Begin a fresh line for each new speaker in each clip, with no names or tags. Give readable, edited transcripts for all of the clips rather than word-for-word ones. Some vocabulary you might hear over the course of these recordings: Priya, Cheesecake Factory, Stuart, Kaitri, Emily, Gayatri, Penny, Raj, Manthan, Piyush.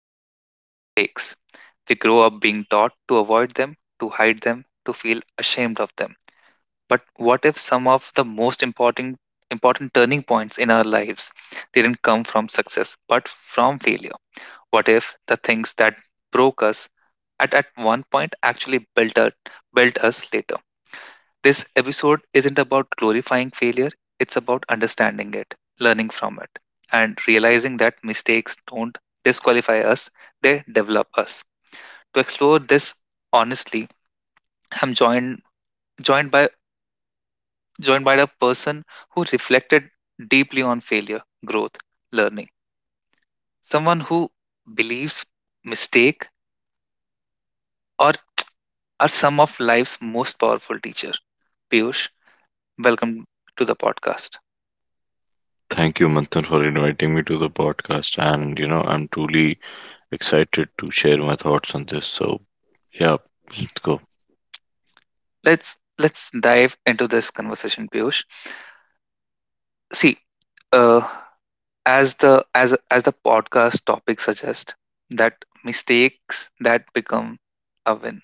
celebrate: mistakes. We grow up being taught to avoid them, to hide them, to feel ashamed of them. But what if some of the most important turning points in our lives didn't come from success but from failure? What if the things that broke us at one point actually built us later? This episode isn't about glorifying failure, it's about understanding it, learning from it, and realizing that mistakes don't disqualify us, they develop us. To explore this honestly, I'm joined by joined by a person who reflected deeply on failure, growth, learning. Someone who believes mistake or are some of life's most powerful teacher. Piyush, welcome to the podcast.
Thank you, Manthan, for inviting me to the podcast. And, I'm truly excited to share my thoughts on this. So, yeah, let's go.
Let's dive into this conversation, Piyush. See, uh, as the podcast topic suggests, that mistakes that become a win.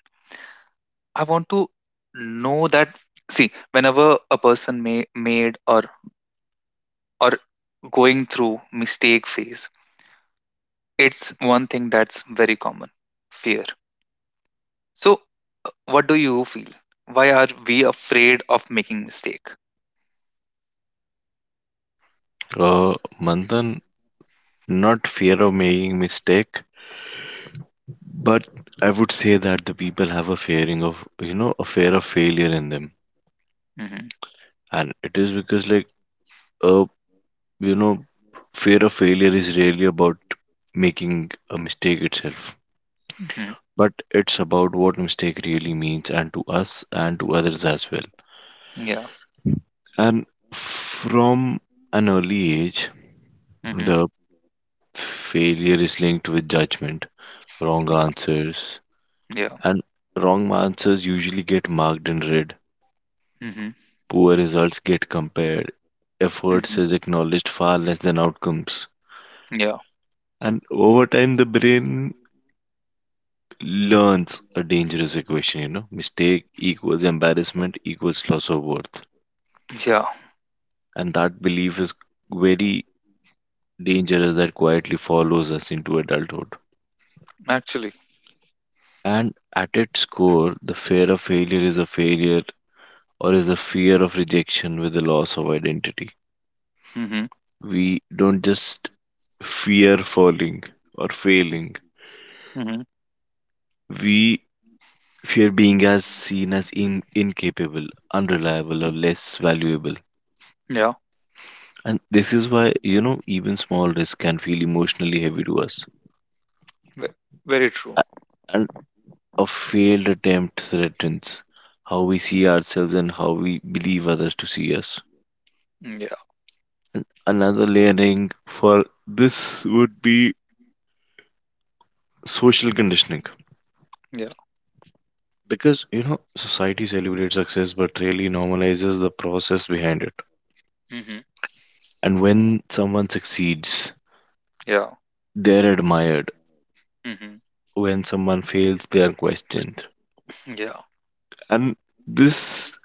I want to know that. See, whenever a person may made or going through mistake phase, it's one thing that's very common: fear. So, what do you feel? Why are we afraid of making mistake?
Uh, Manthan, not fear of making mistake, but I would say that the people have a fearing of, a fear of failure in them.
Mm-hmm.
And it is because, like, uh, you know, fear of failure is really about making a mistake itself.
Mm-hmm.
But it's about what mistake really means and to us and to others as well.
Yeah.
And from an early age,
Mm-hmm.
the failure is linked with judgment, wrong
Yeah.
answers,
Yeah.
and wrong answers usually get marked in red.
Hmm.
Poor results get compared. Efforts
Hmm.
is acknowledged far less than outcomes.
Yeah,
And over time, the brain learns a dangerous equation, mistake equals embarrassment equals loss of worth.
yeah,
And that belief is very dangerous that quietly follows us into adulthood.
actually.
And at its core, the fear of failure is a failure or is a fear of rejection with the loss of identity.
Hmm.
We don't just fear falling or failing,
Hmm.
we fear being as seen as incapable, unreliable, or less valuable.
Yeah,
And this is why, even small risks can feel emotionally heavy to us.
ve- very true.
A- And a failed attempt threatens how we see
Hmm.
ourselves and how we believe others to see us.
Yeah,
Another layering for this would be social conditioning,
yeah.
because society celebrates success but really normalizes the process behind it.
Hmm.
And when someone succeeds
Yeah.
they're admired,
Hmm.
when someone fails they are questioned.
Yeah.
And this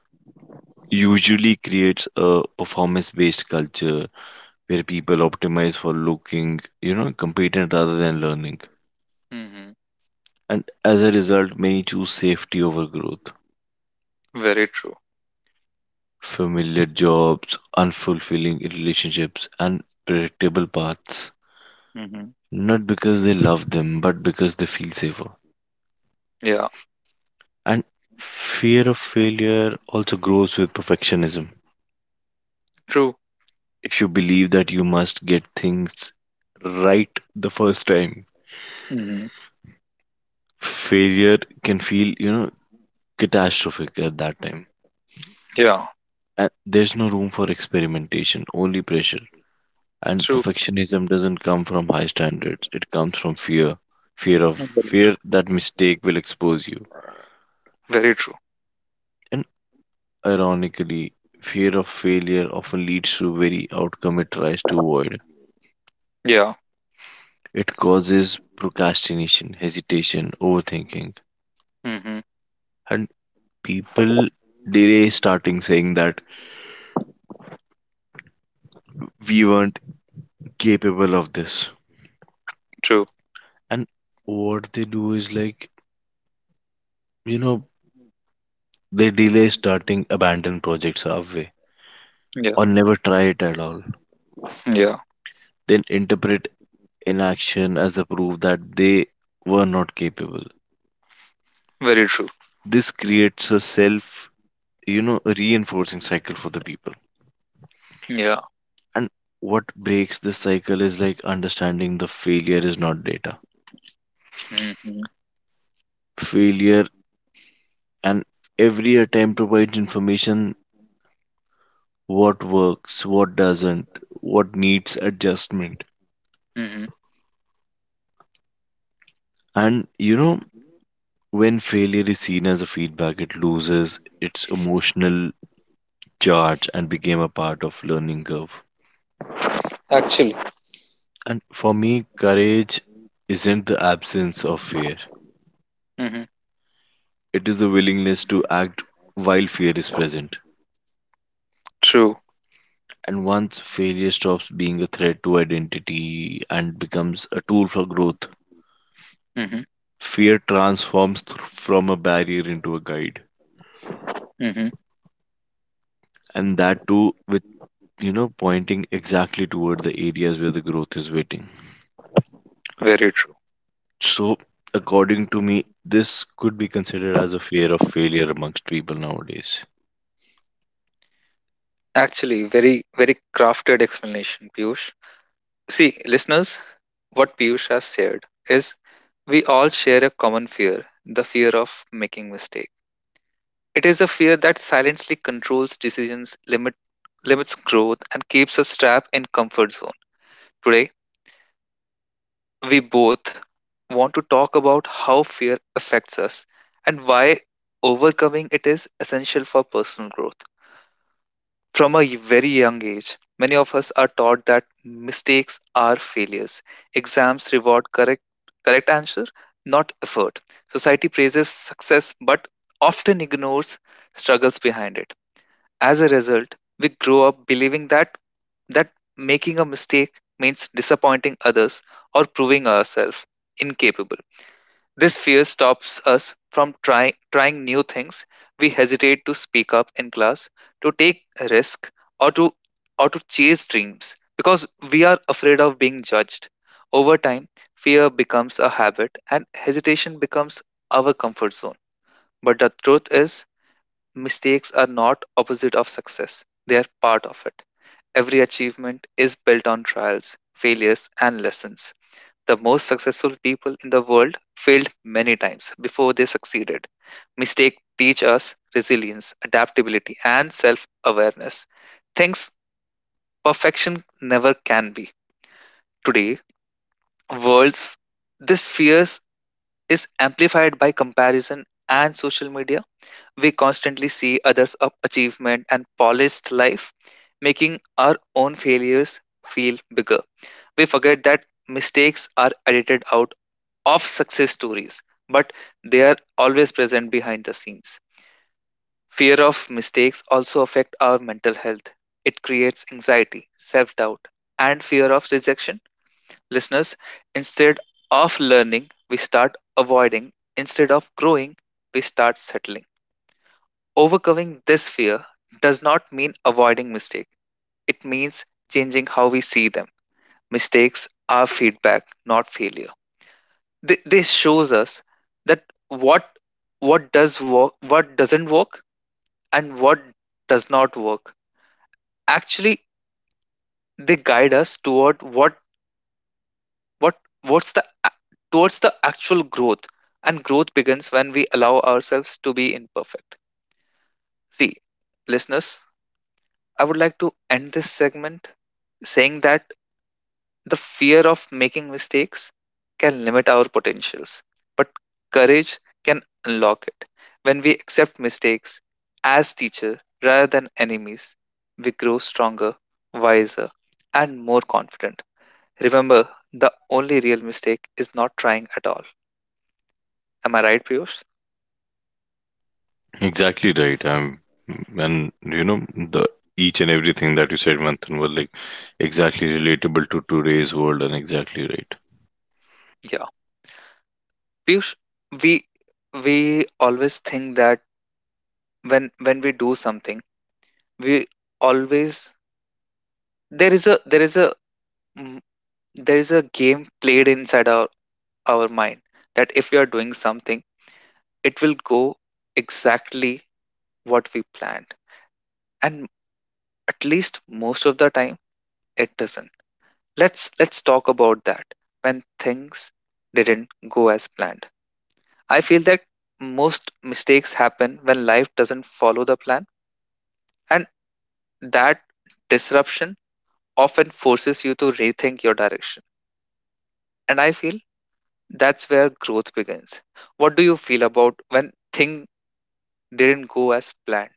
usually creates a performance based culture where people optimize for looking, competent rather than learning.
Hmm.
And as a result many choose safety over growth:
Very true.
familiar jobs, unfulfilling relationships, and predictable paths.
Hmm.
Not because they love them, but because they feel safer.
Yeah,
And fear of failure also grows with perfectionism.
true.
If you believe that you must get things right the first time,
Hmm.
failure can feel, catastrophic at that time.
Yeah,
And there's no room for experimentation, only pressure. And
true.
perfectionism doesn't come from high standards. It comes from fear. Fear of
Very,
Fear that mistake will expose you.
very true.
And ironically, fear of failure often leads to very outcome it tries to avoid.
Yeah.
It causes procrastination, hesitation, overthinking.
Hmm.
And people delay starting saying that we weren't capable of this.
True.
And what they do is like, you know, they delay starting abandon projects halfway
Yeah,
or never try it at all,
yeah,
then interpret inaction as a proof that they were not capable.
very true.
This creates a reinforcing cycle for the people.
Yeah.
And what breaks this cycle is like understanding the failure is not data.
Hmm.
Failure and every attempt provides information: what works, what doesn't, what needs adjustment.
Hmm.
And when failure is seen as a feedback, it loses its emotional charge and became a part of learning curve.
Actually.
And for me, courage isn't the absence of fear,
Hmm.
it is the willingness to act while fear is present.
True.
And once failure stops being a threat to identity and becomes a tool for growth,
Hmm.
fear transforms from a barrier into a guide.
Hmm.
And that too, with pointing exactly toward the areas where the growth is waiting.
Very true.
So, according to me, this could be considered as a fear of failure amongst people nowadays.
Actually, very, very crafted explanation, Piyush. See, listeners, what Piyush has shared is we all share a common fear, the fear of making mistake. It is a fear that silently controls decisions, limit, limits growth, and keeps us trapped in comfort zone. Today, we both want to talk about how fear affects us and why overcoming it is essential for personal growth. From a very young age, many of us are taught that mistakes are failures. Exams reward correct answer, not effort. Society praises success but often ignores struggles behind it. As a result, we grow up believing that that making a mistake means disappointing others or proving ourselves incapable. This fear stops us from trying new things. We hesitate to speak up in class, to take a risk, or to or to chase dreams because we are afraid of being judged. Over time, fear becomes a habit and hesitation becomes our comfort zone. But the truth is, mistakes are not opposite of success. They are part of it. Every achievement is built on trials, failures, and lessons. The most successful people in the world failed many times before they succeeded. Mistakes teach us resilience, adaptability, and self awareness. Things perfection never can be. Today, world's this fears is amplified by comparison and social media. We constantly see others' up achievement and polished life, making our own failures feel bigger. We forget that mistakes are edited out of success stories, but they are always present behind the scenes. Fear of mistakes also affect our mental health. It creates anxiety, self-doubt, and fear of rejection. Listeners, instead of learning, we start avoiding. Instead of growing, we start settling. Overcoming this fear does not mean avoiding mistakes. It means changing how we see them. Mistakes are feedback, not failure. This shows us that what what does work, what doesn't work, and what does not work. Actually, they guide us toward what what's the a- towards the actual growth, and growth begins when we allow ourselves to be imperfect. See, listeners, I would like to end this segment saying that the fear of making mistakes can limit our potentials, but courage can unlock it. When we accept mistakes as teacher rather than enemies, we grow stronger, wiser, and more confident. Remember, the only real mistake is not trying at all. Am I right, Piyush?
Exactly right. I and you know, the Each and everything that you said, Manthan, were like exactly relatable to today's world and exactly right.
Yeah. Piyush, we we always think that when we do something, we always there is a there is a there is a game played inside our mind that if we are doing something, it will go exactly what we planned. And at least most of the time it doesn't. Let's talk about that when things didn't go as planned. I feel that most mistakes happen when life doesn't follow the plan and that disruption often forces you to rethink your direction. And I feel that's where growth begins. What do you feel about when things didn't go as planned?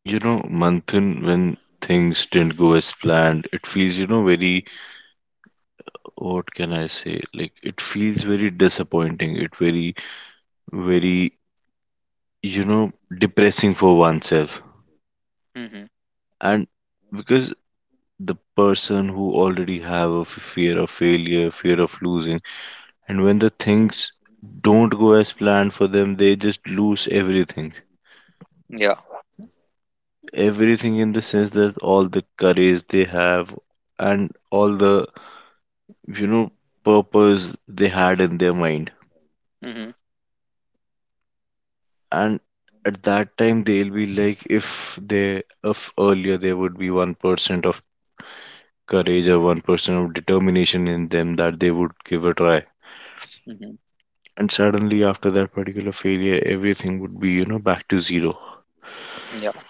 You know, Manthan, when things didn't go as planned, it feels, very, what can I say? Like, it feels very disappointing. It very, you know, depressing for oneself.
Mm-hmm.
And because the person who already have a fear of failure, fear of losing, and when the things don't go as planned for them, they just lose everything.
Yeah.
Everything in the sense that all the courage they have and all the, you know, purpose they had in their mind.
Mm-hmm.
And at that time, they'll be like, if earlier there would be 1% of courage or 1% of determination in them that they would give a try.
Mm-hmm.
And suddenly, after that particular failure, everything would be, back to zero.
Yeah.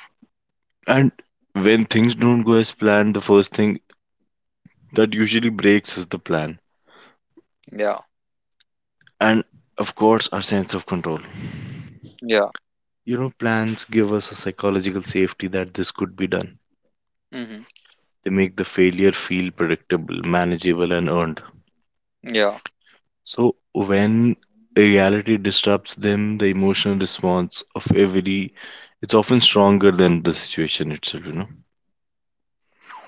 And when things don't go as planned, the first thing that usually breaks is the plan.
Yeah.
And of course, our sense of control.
Yeah.
You know, plans give us a psychological safety that this could be done.
Mm-hmm.
They make the failure feel predictable, manageable, and earned.
Yeah.
So when reality disrupts them, the emotional response of every it's often stronger than the situation itself, you know.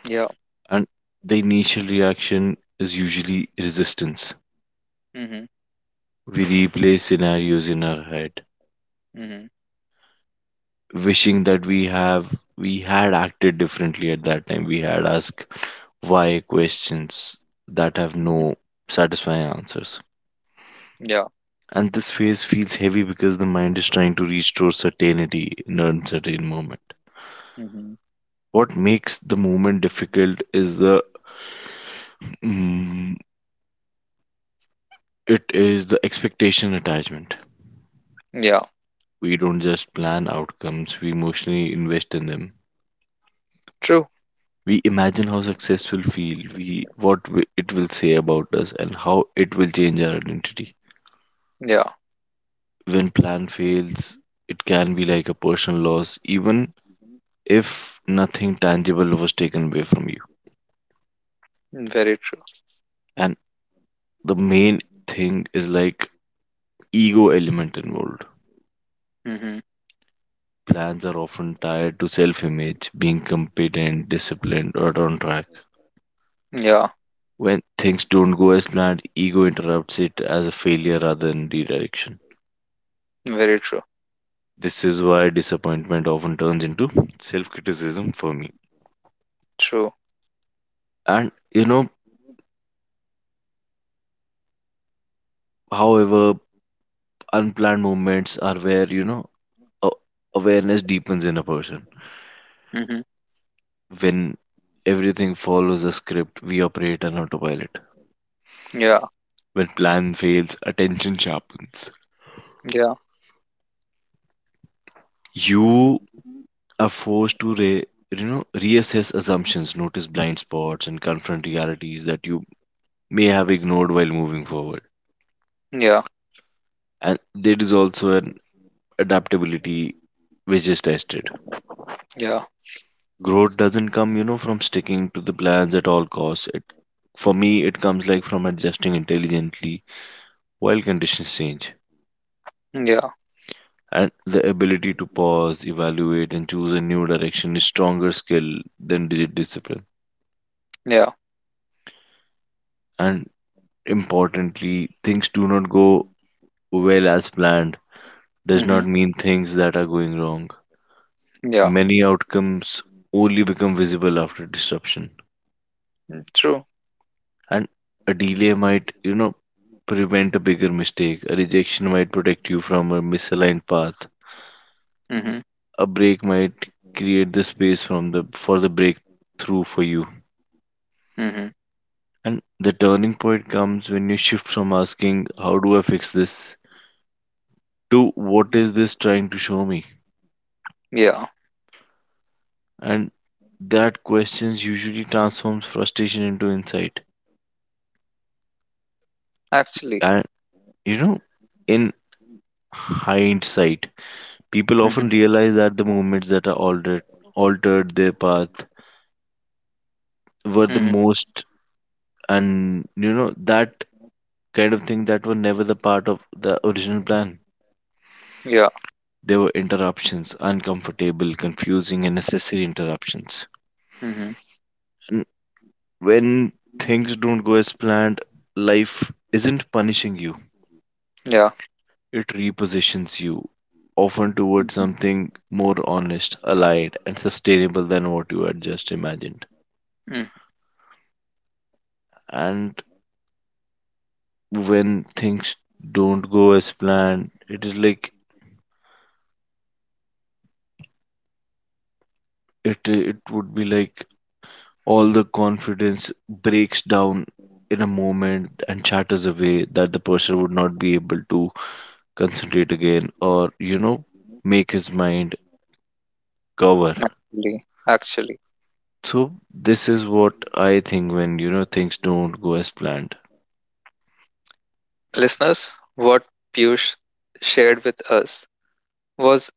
Yeah.
And the initial reaction is usually resistance.
Mm-hmm.
We replay scenarios in our head
Mm-hmm.
wishing that we had acted differently at that time. We had asked why questions that have
Mm-hmm.
no satisfying answers.
Yeah.
And this phase feels heavy because the mind is trying to restore certainty in an uncertain moment.
Mm-hmm.
What makes the moment difficult is mm, it is the expectation attachment.
Yeah.
We don't just plan outcomes, we emotionally invest in them.
True.
We imagine how success will feel, we it will say about us, and how it will change our identity.
Yeah.
When plan fails it can be like a personal loss even if nothing tangible was taken away from you.
Very true.
And the main thing is like ego element involved.
Mm-hmm.
Plans are often tied to self image, being competent, disciplined, or on track.
Yeah.
When things don't go as planned ego interrupts it as a failure rather than redirection.
Very true.
This is why disappointment often turns into self criticism for me.
True.
And however, unplanned moments are where a- awareness deepens in a person.
Mm-hmm.
When everything follows a script, we operate on autopilot.
Yeah.
When plan fails, attention sharpens.
Yeah.
You are forced to reassess assumptions, notice blind spots, and confront realities that you may have ignored while moving forward.
Yeah.
And there is also an adaptability which is tested.
Yeah.
Growth doesn't come, from sticking to the plans at all costs. It, for me, it comes like from adjusting intelligently while conditions change.
Yeah.
And the ability to pause, evaluate, and choose a new direction is stronger skill than digit discipline.
Yeah.
And importantly, things do not go well as planned does not
Mm-hmm.
mean things that are going wrong.
Yeah.
Many outcomes only become visible after disruption.
Mm, true.
And a delay might prevent a bigger mistake, a rejection might protect you from a misaligned path,
Mm-hmm.
a break might create the space from the for the breakthrough for you.
Mm-hmm.
And the turning point comes when you shift from asking how do I fix this to what is this trying to show me.
Yeah.
And that questions usually transforms frustration into insight.
Actually.
And you know in hindsight people
Mm-hmm.
often realize that the movements that are altered their path were the
Mm-hmm.
most, and that kind of thing that were never the part of the original plan.
Yeah.
They were interruptions, uncomfortable, confusing and necessary interruptions.
Mm-hmm.
And when things don't go as planned, life isn't punishing you.
Yeah.
It repositions you often towards
Mm-hmm.
something more honest, aligned, and sustainable than what you had just imagined.
Mm-hmm.
And when things don't go as planned it is like it would be like all the confidence breaks down in a moment and shatters away that the person would not be able to concentrate again or make his mind cover.
Actually. Actually.
So this is what I think when, things don't go as planned.
Listeners, what Piyush shared with us was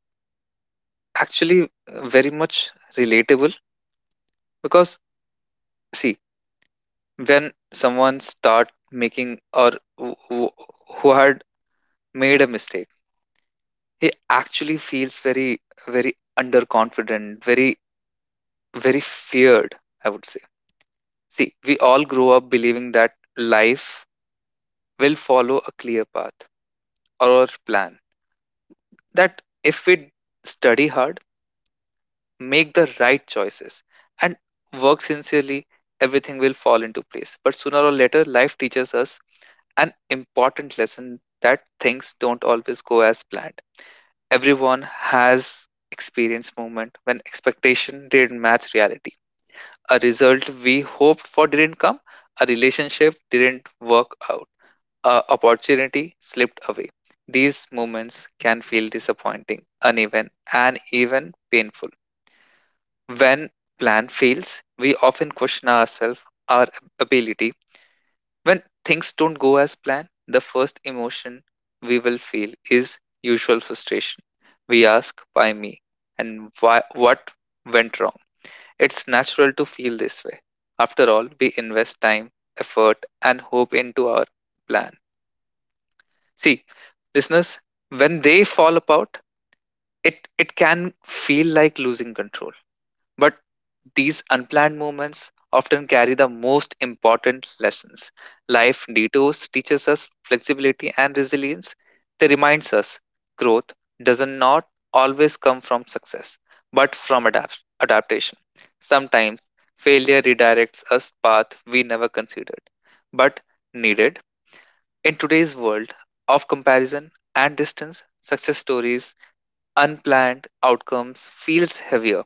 actually very much relatable because, see, when someone start making or who who- who had made a mistake, he actually feels very, very underconfident, very, very feared, I would say. See, we all grow up believing that life will follow a clear path or plan, that if we study hard, make the right choices and work sincerely, everything will fall into place. But sooner or later, life teaches us an important lesson that things don't always go as planned. Everyone has experienced moment when expectation didn't match reality. A result we hoped for didn't come, a relationship didn't work out, a opportunity slipped away. These moments can feel disappointing, uneven, and even painful. When plan fails, we often question ourselves, our ability. When things don't go as planned, the first emotion we will feel is usual frustration. We ask, why me? And why, what went wrong? It's natural to feel this way. After all, we invest time, effort, and hope into our plan. See, listeners, when they fall apart, it can feel like losing control. But these unplanned moments often carry the most important lessons. Life detours teaches us flexibility and resilience. They reminds us growth does not always come from success, but from adaptation. Sometimes failure redirects us path we never considered, but needed. In today's world of comparison and distance, success stories, unplanned outcomes feels heavier.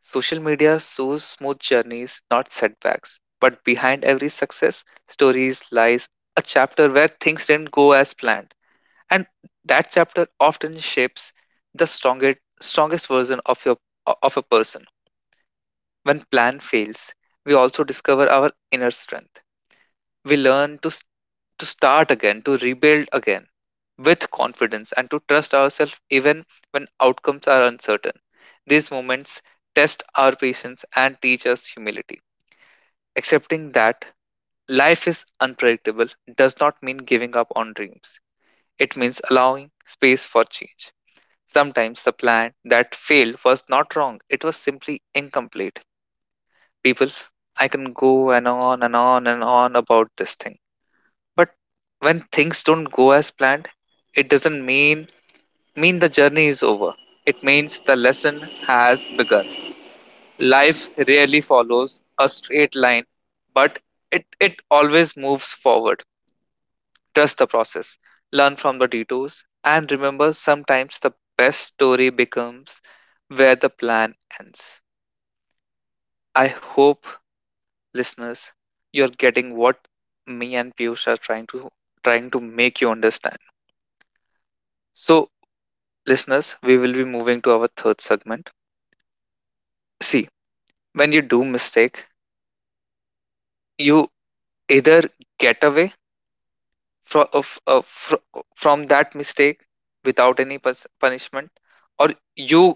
Social media shows smooth journeys, not setbacks. But behind every success, stories lies a chapter where things didn't go as planned. And that chapter often shapes the strongest version of your of a person. When plan fails, we also discover our inner strength. We learn to start again, to rebuild again with confidence, and to trust ourselves even when outcomes are uncertain. These moments test our patience and teach us humility. Accepting that life is unpredictable does not mean giving up on dreams. It means allowing space for change. Sometimes the plan that failed was not wrong, it was simply incomplete. People, I can go and on and on and on about this thing. But when things don't go as planned, it doesn't mean the journey is over. It means the lesson has begun. Life rarely follows a straight line, but it always moves forward. Trust the process, learn from the detours, and remember sometimes the best story becomes where the plan ends. I hope listeners you're getting what me and Piyush are trying to make you understand. So listeners, we will be moving to our third segment. See, when you do mistake, you either get away from of, uh, fr- from that mistake without any punishment, or you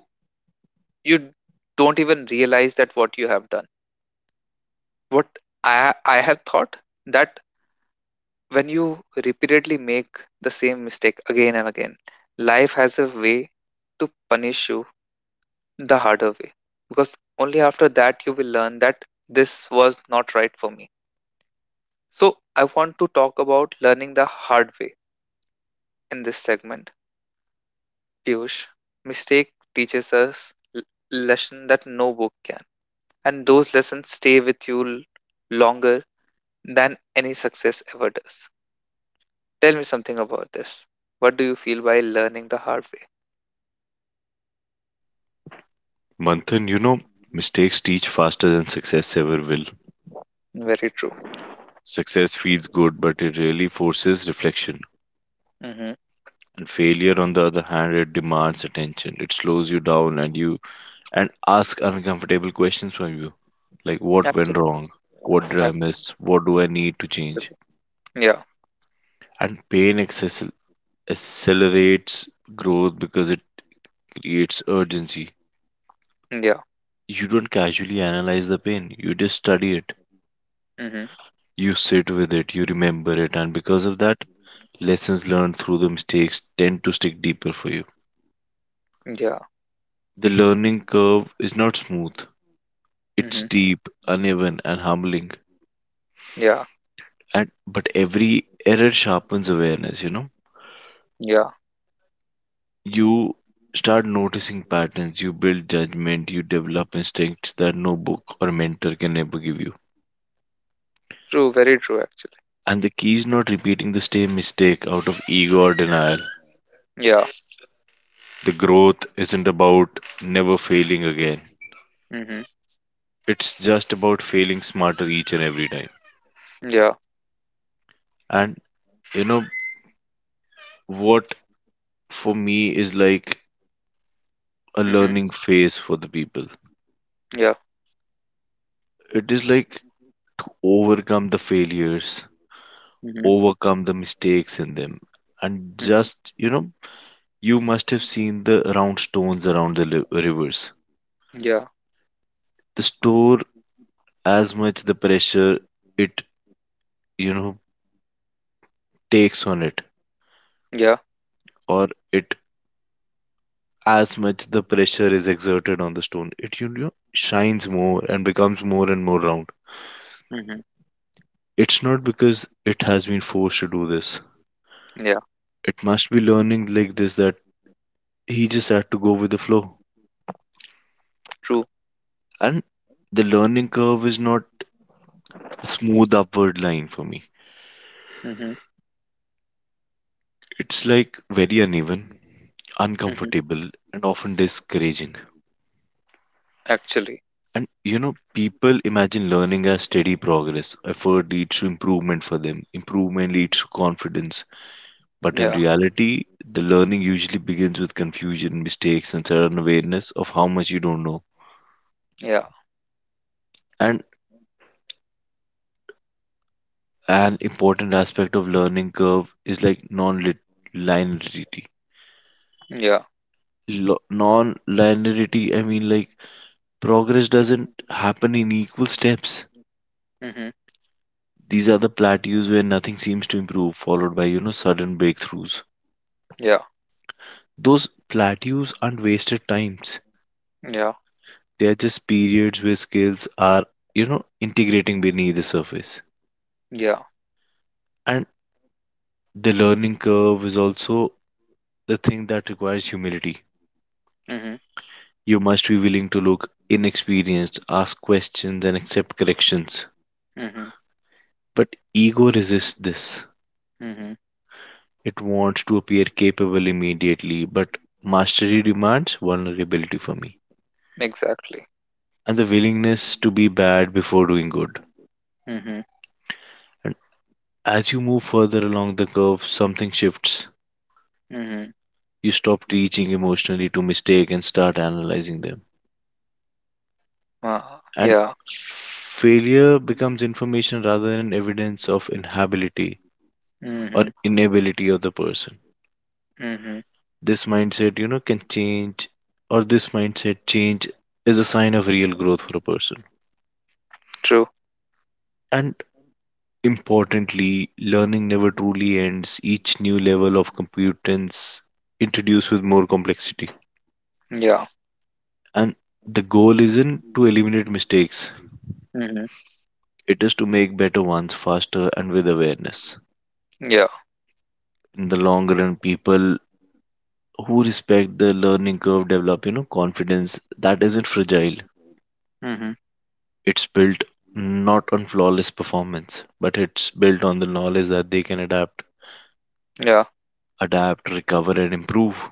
you don't even realize that what you have done. What I have thought that when you repeatedly make the same mistake again and again, life has a way to punish you the harder way because only after that you will learn that this was not right for me. So, I want to talk about learning the hard way in this segment. Piyush, mistake teaches us lesson that no book can, and those lessons stay with you longer than any success ever does. Tell me something about this. What do you feel by learning the hard way?
Manthan, you know, mistakes teach faster than success ever will.
Very true.
Success feels good but it really forces reflection.
Mm-hmm.
And failure, on the other hand, it demands attention. It slows you down and you and asks uncomfortable questions from you. Like what went
Absolutely.
wrong? What did I
Absolutely.
miss? What do I need to change?
Yeah.
And pain accelerates growth because it creates urgency.
Yeah.
You don't casually analyze the pain, you just study it.
Mm-hmm.
You sit with it, you remember it, and because of that, lessons learned through the mistakes tend to stick deeper for you.
Yeah.
The learning curve is not smooth,
Mm-hmm.
it's deep, uneven, and humbling.
Yeah.
And but every error sharpens awareness, you know.
Yeah.
You start noticing patterns, you build judgment, you develop instincts that no book or mentor can ever give you.
True. Very true. Actually.
And the key is not repeating the same mistake out of ego or denial.
Yeah.
The growth isn't about never failing again.
Mm-hmm.
It's just about failing smarter each and every time.
Yeah.
And you know what for me is like a
Mm-hmm.
learning phase for the people.
Yeah.
It is like to overcome the failures,
Mm-hmm.
overcome the mistakes in them. And
Mm-hmm.
just, you know, you must have seen the round stones around the rivers.
Yeah.
The store as much the pressure it, you know, takes on it,
Yeah.
or it As much the pressure is exerted on the stone, it, shines more and becomes more and more round.
Mm-hmm.
It's not because it has been forced to do this.
Yeah.
It must be learning like this that he just had to go with the flow.
True.
And the learning curve is not a smooth upward line for me.
Mm-hmm.
It's like very uneven,
Mm-hmm.
uncomfortable, and often discouraging.
Actually.
And you know, people imagine learning as steady progress. Effort leads to improvement for them, improvement leads to confidence. But in
Yeah.
reality, the learning usually begins with confusion, mistakes, and sudden awareness of how much you don't know.
Yeah.
And an important aspect of learning curve is like non-linearity.
Yeah.
lo- non-linearity i mean like Progress doesn't happen in equal steps.
Mm-hmm.
These are the plateaus where nothing seems to improve followed by, sudden breakthroughs.
Yeah.
Those plateaus aren't wasted times,
Yeah.
they are just periods where skills are, integrating beneath the surface.
Yeah.
And the learning curve is also the thing that requires humility.
Mm-hmm.
You must be willing to look inexperienced, ask questions and accept corrections.
Mm-hmm.
But ego resists this.
Mm-hmm.
It wants to appear capable immediately, but mastery demands vulnerability for me
Exactly.
and the willingness to be bad before doing good.
Mm-hmm.
And as you move further along the curve, something shifts.
Mm-hmm.
You stop reaching emotionally to mistake and start analyzing them.
Uh,
And
yeah.
failure becomes information rather than evidence of inability or
Mm-hmm.
inability of the person.
Mm-hmm.
This mindset, you know, can change, or this mindset change is a sign of real growth for a person.
True.
And importantly, learning never truly ends. Each new level of competence introduced with more complexity.
Yeah.
And the goal isn't to eliminate mistakes,
Mm-hmm.
it is to make better ones faster and with awareness.
Yeah.
In the long run, people who respect the learning curve develop, confidence that isn't fragile.
Mm-hmm.
It's built not on flawless performance, but it's built on the knowledge that they can
Yeah.
adapt, recover, and improve.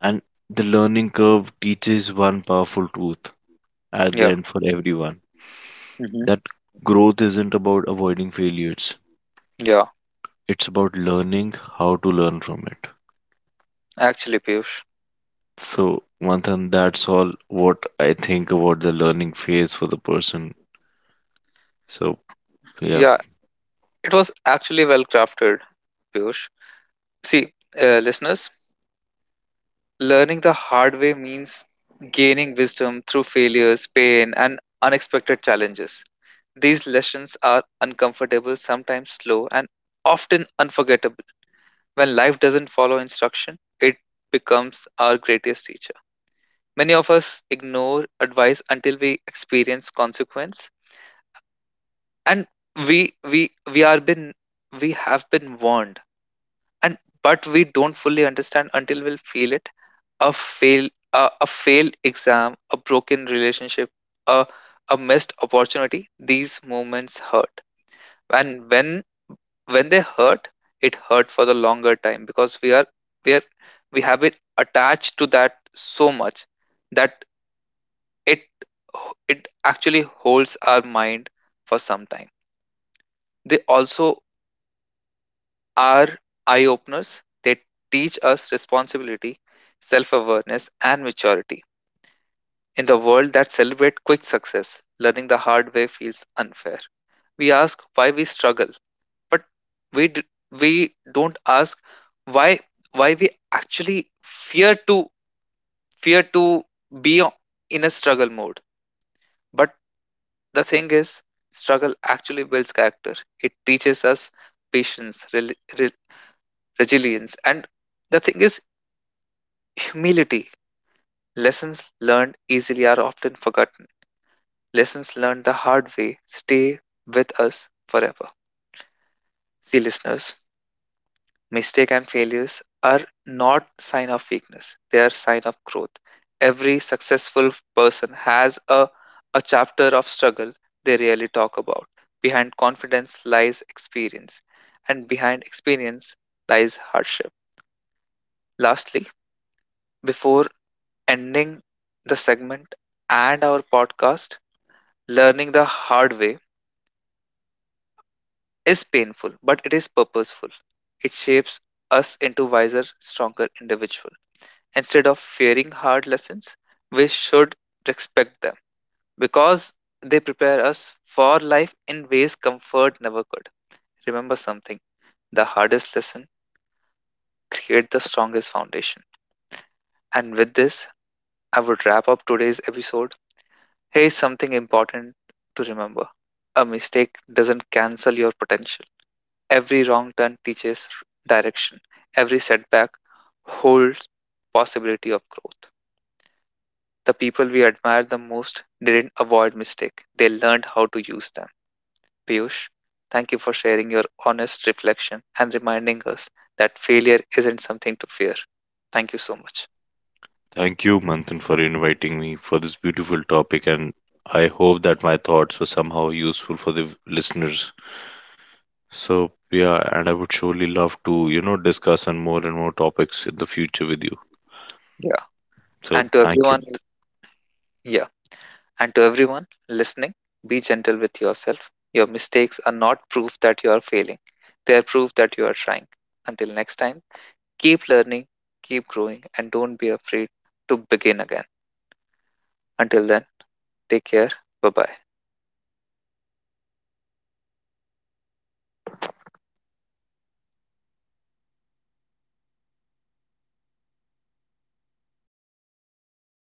And the learning curve teaches one powerful truth at the
Yeah.
end for everyone,
Mm-hmm.
that growth isn't about avoiding failures,
Yeah.
it's about learning how to learn from it.
Actually, Piyush.
So, Manthan, that's all what I think about the learning phase for the person. So, yeah,
Yeah. It was actually well crafted, Piyush. See, listeners, learning the hard way means gaining wisdom through failures, pain, and unexpected challenges. These lessons are uncomfortable, sometimes slow, and often unforgettable. When life doesn't follow instruction, it becomes our greatest teacher. Many of us ignore advice until we experience consequence, and we we we are been we have been warned, and but we don't fully understand until we feel it. a fail a failed exam, a broken relationship, a a missed opportunity, these moments hurt. And when they hurt, it hurt for the longer time because we are we have it attached to that so much that it it actually holds our mind for some time. They also are eye openers. They teach us responsibility, self awareness, and maturity. In the world that celebrates quick success, learning the hard way feels unfair. We ask why we struggle, but we d- we don't ask why why we actually fear to fear to be in a struggle mode. But the thing is, struggle actually builds character. It teaches us patience, resilience, and the thing is humility. Lessons learned easily are often forgotten. Lessons learned the hard way stay with us forever. See, listeners, mistake and failures are not sign of weakness. They are sign of growth. Every successful person has a chapter of struggle they rarely talk about. Behind confidence lies experience, and behind experience lies hardship. Lastly, before ending the segment and our podcast, learning the hard way is painful, but it is purposeful. It shapes us into wiser, stronger individual. Instead of fearing hard lessons, we should respect them because they prepare us for life in ways comfort never could. Remember something, the hardest lesson create the strongest foundation. And with this, I would wrap up today's episode. Here is something important to remember. A mistake doesn't cancel your potential. Every wrong turn teaches direction. Every setback holds possibility of growth. The people we admire the most didn't avoid mistake. They learned how to use them. Piyush, thank you for sharing your honest reflection and reminding us that failure isn't something to fear. Thank you so much.
thank you, Manthan, for inviting me for this beautiful topic. And I hope that my thoughts were somehow useful for the listeners. So, yeah, and I would surely love to, discuss on more and more topics in the future with you.
Yeah.
So
And to
thank
everyone.
you.
Yeah. And to everyone listening, be gentle with yourself. Your mistakes are not proof that you are failing. They are proof that you are trying. Until next time, keep learning, keep growing, and don't be afraid to begin again. Until then, take care. Bye bye.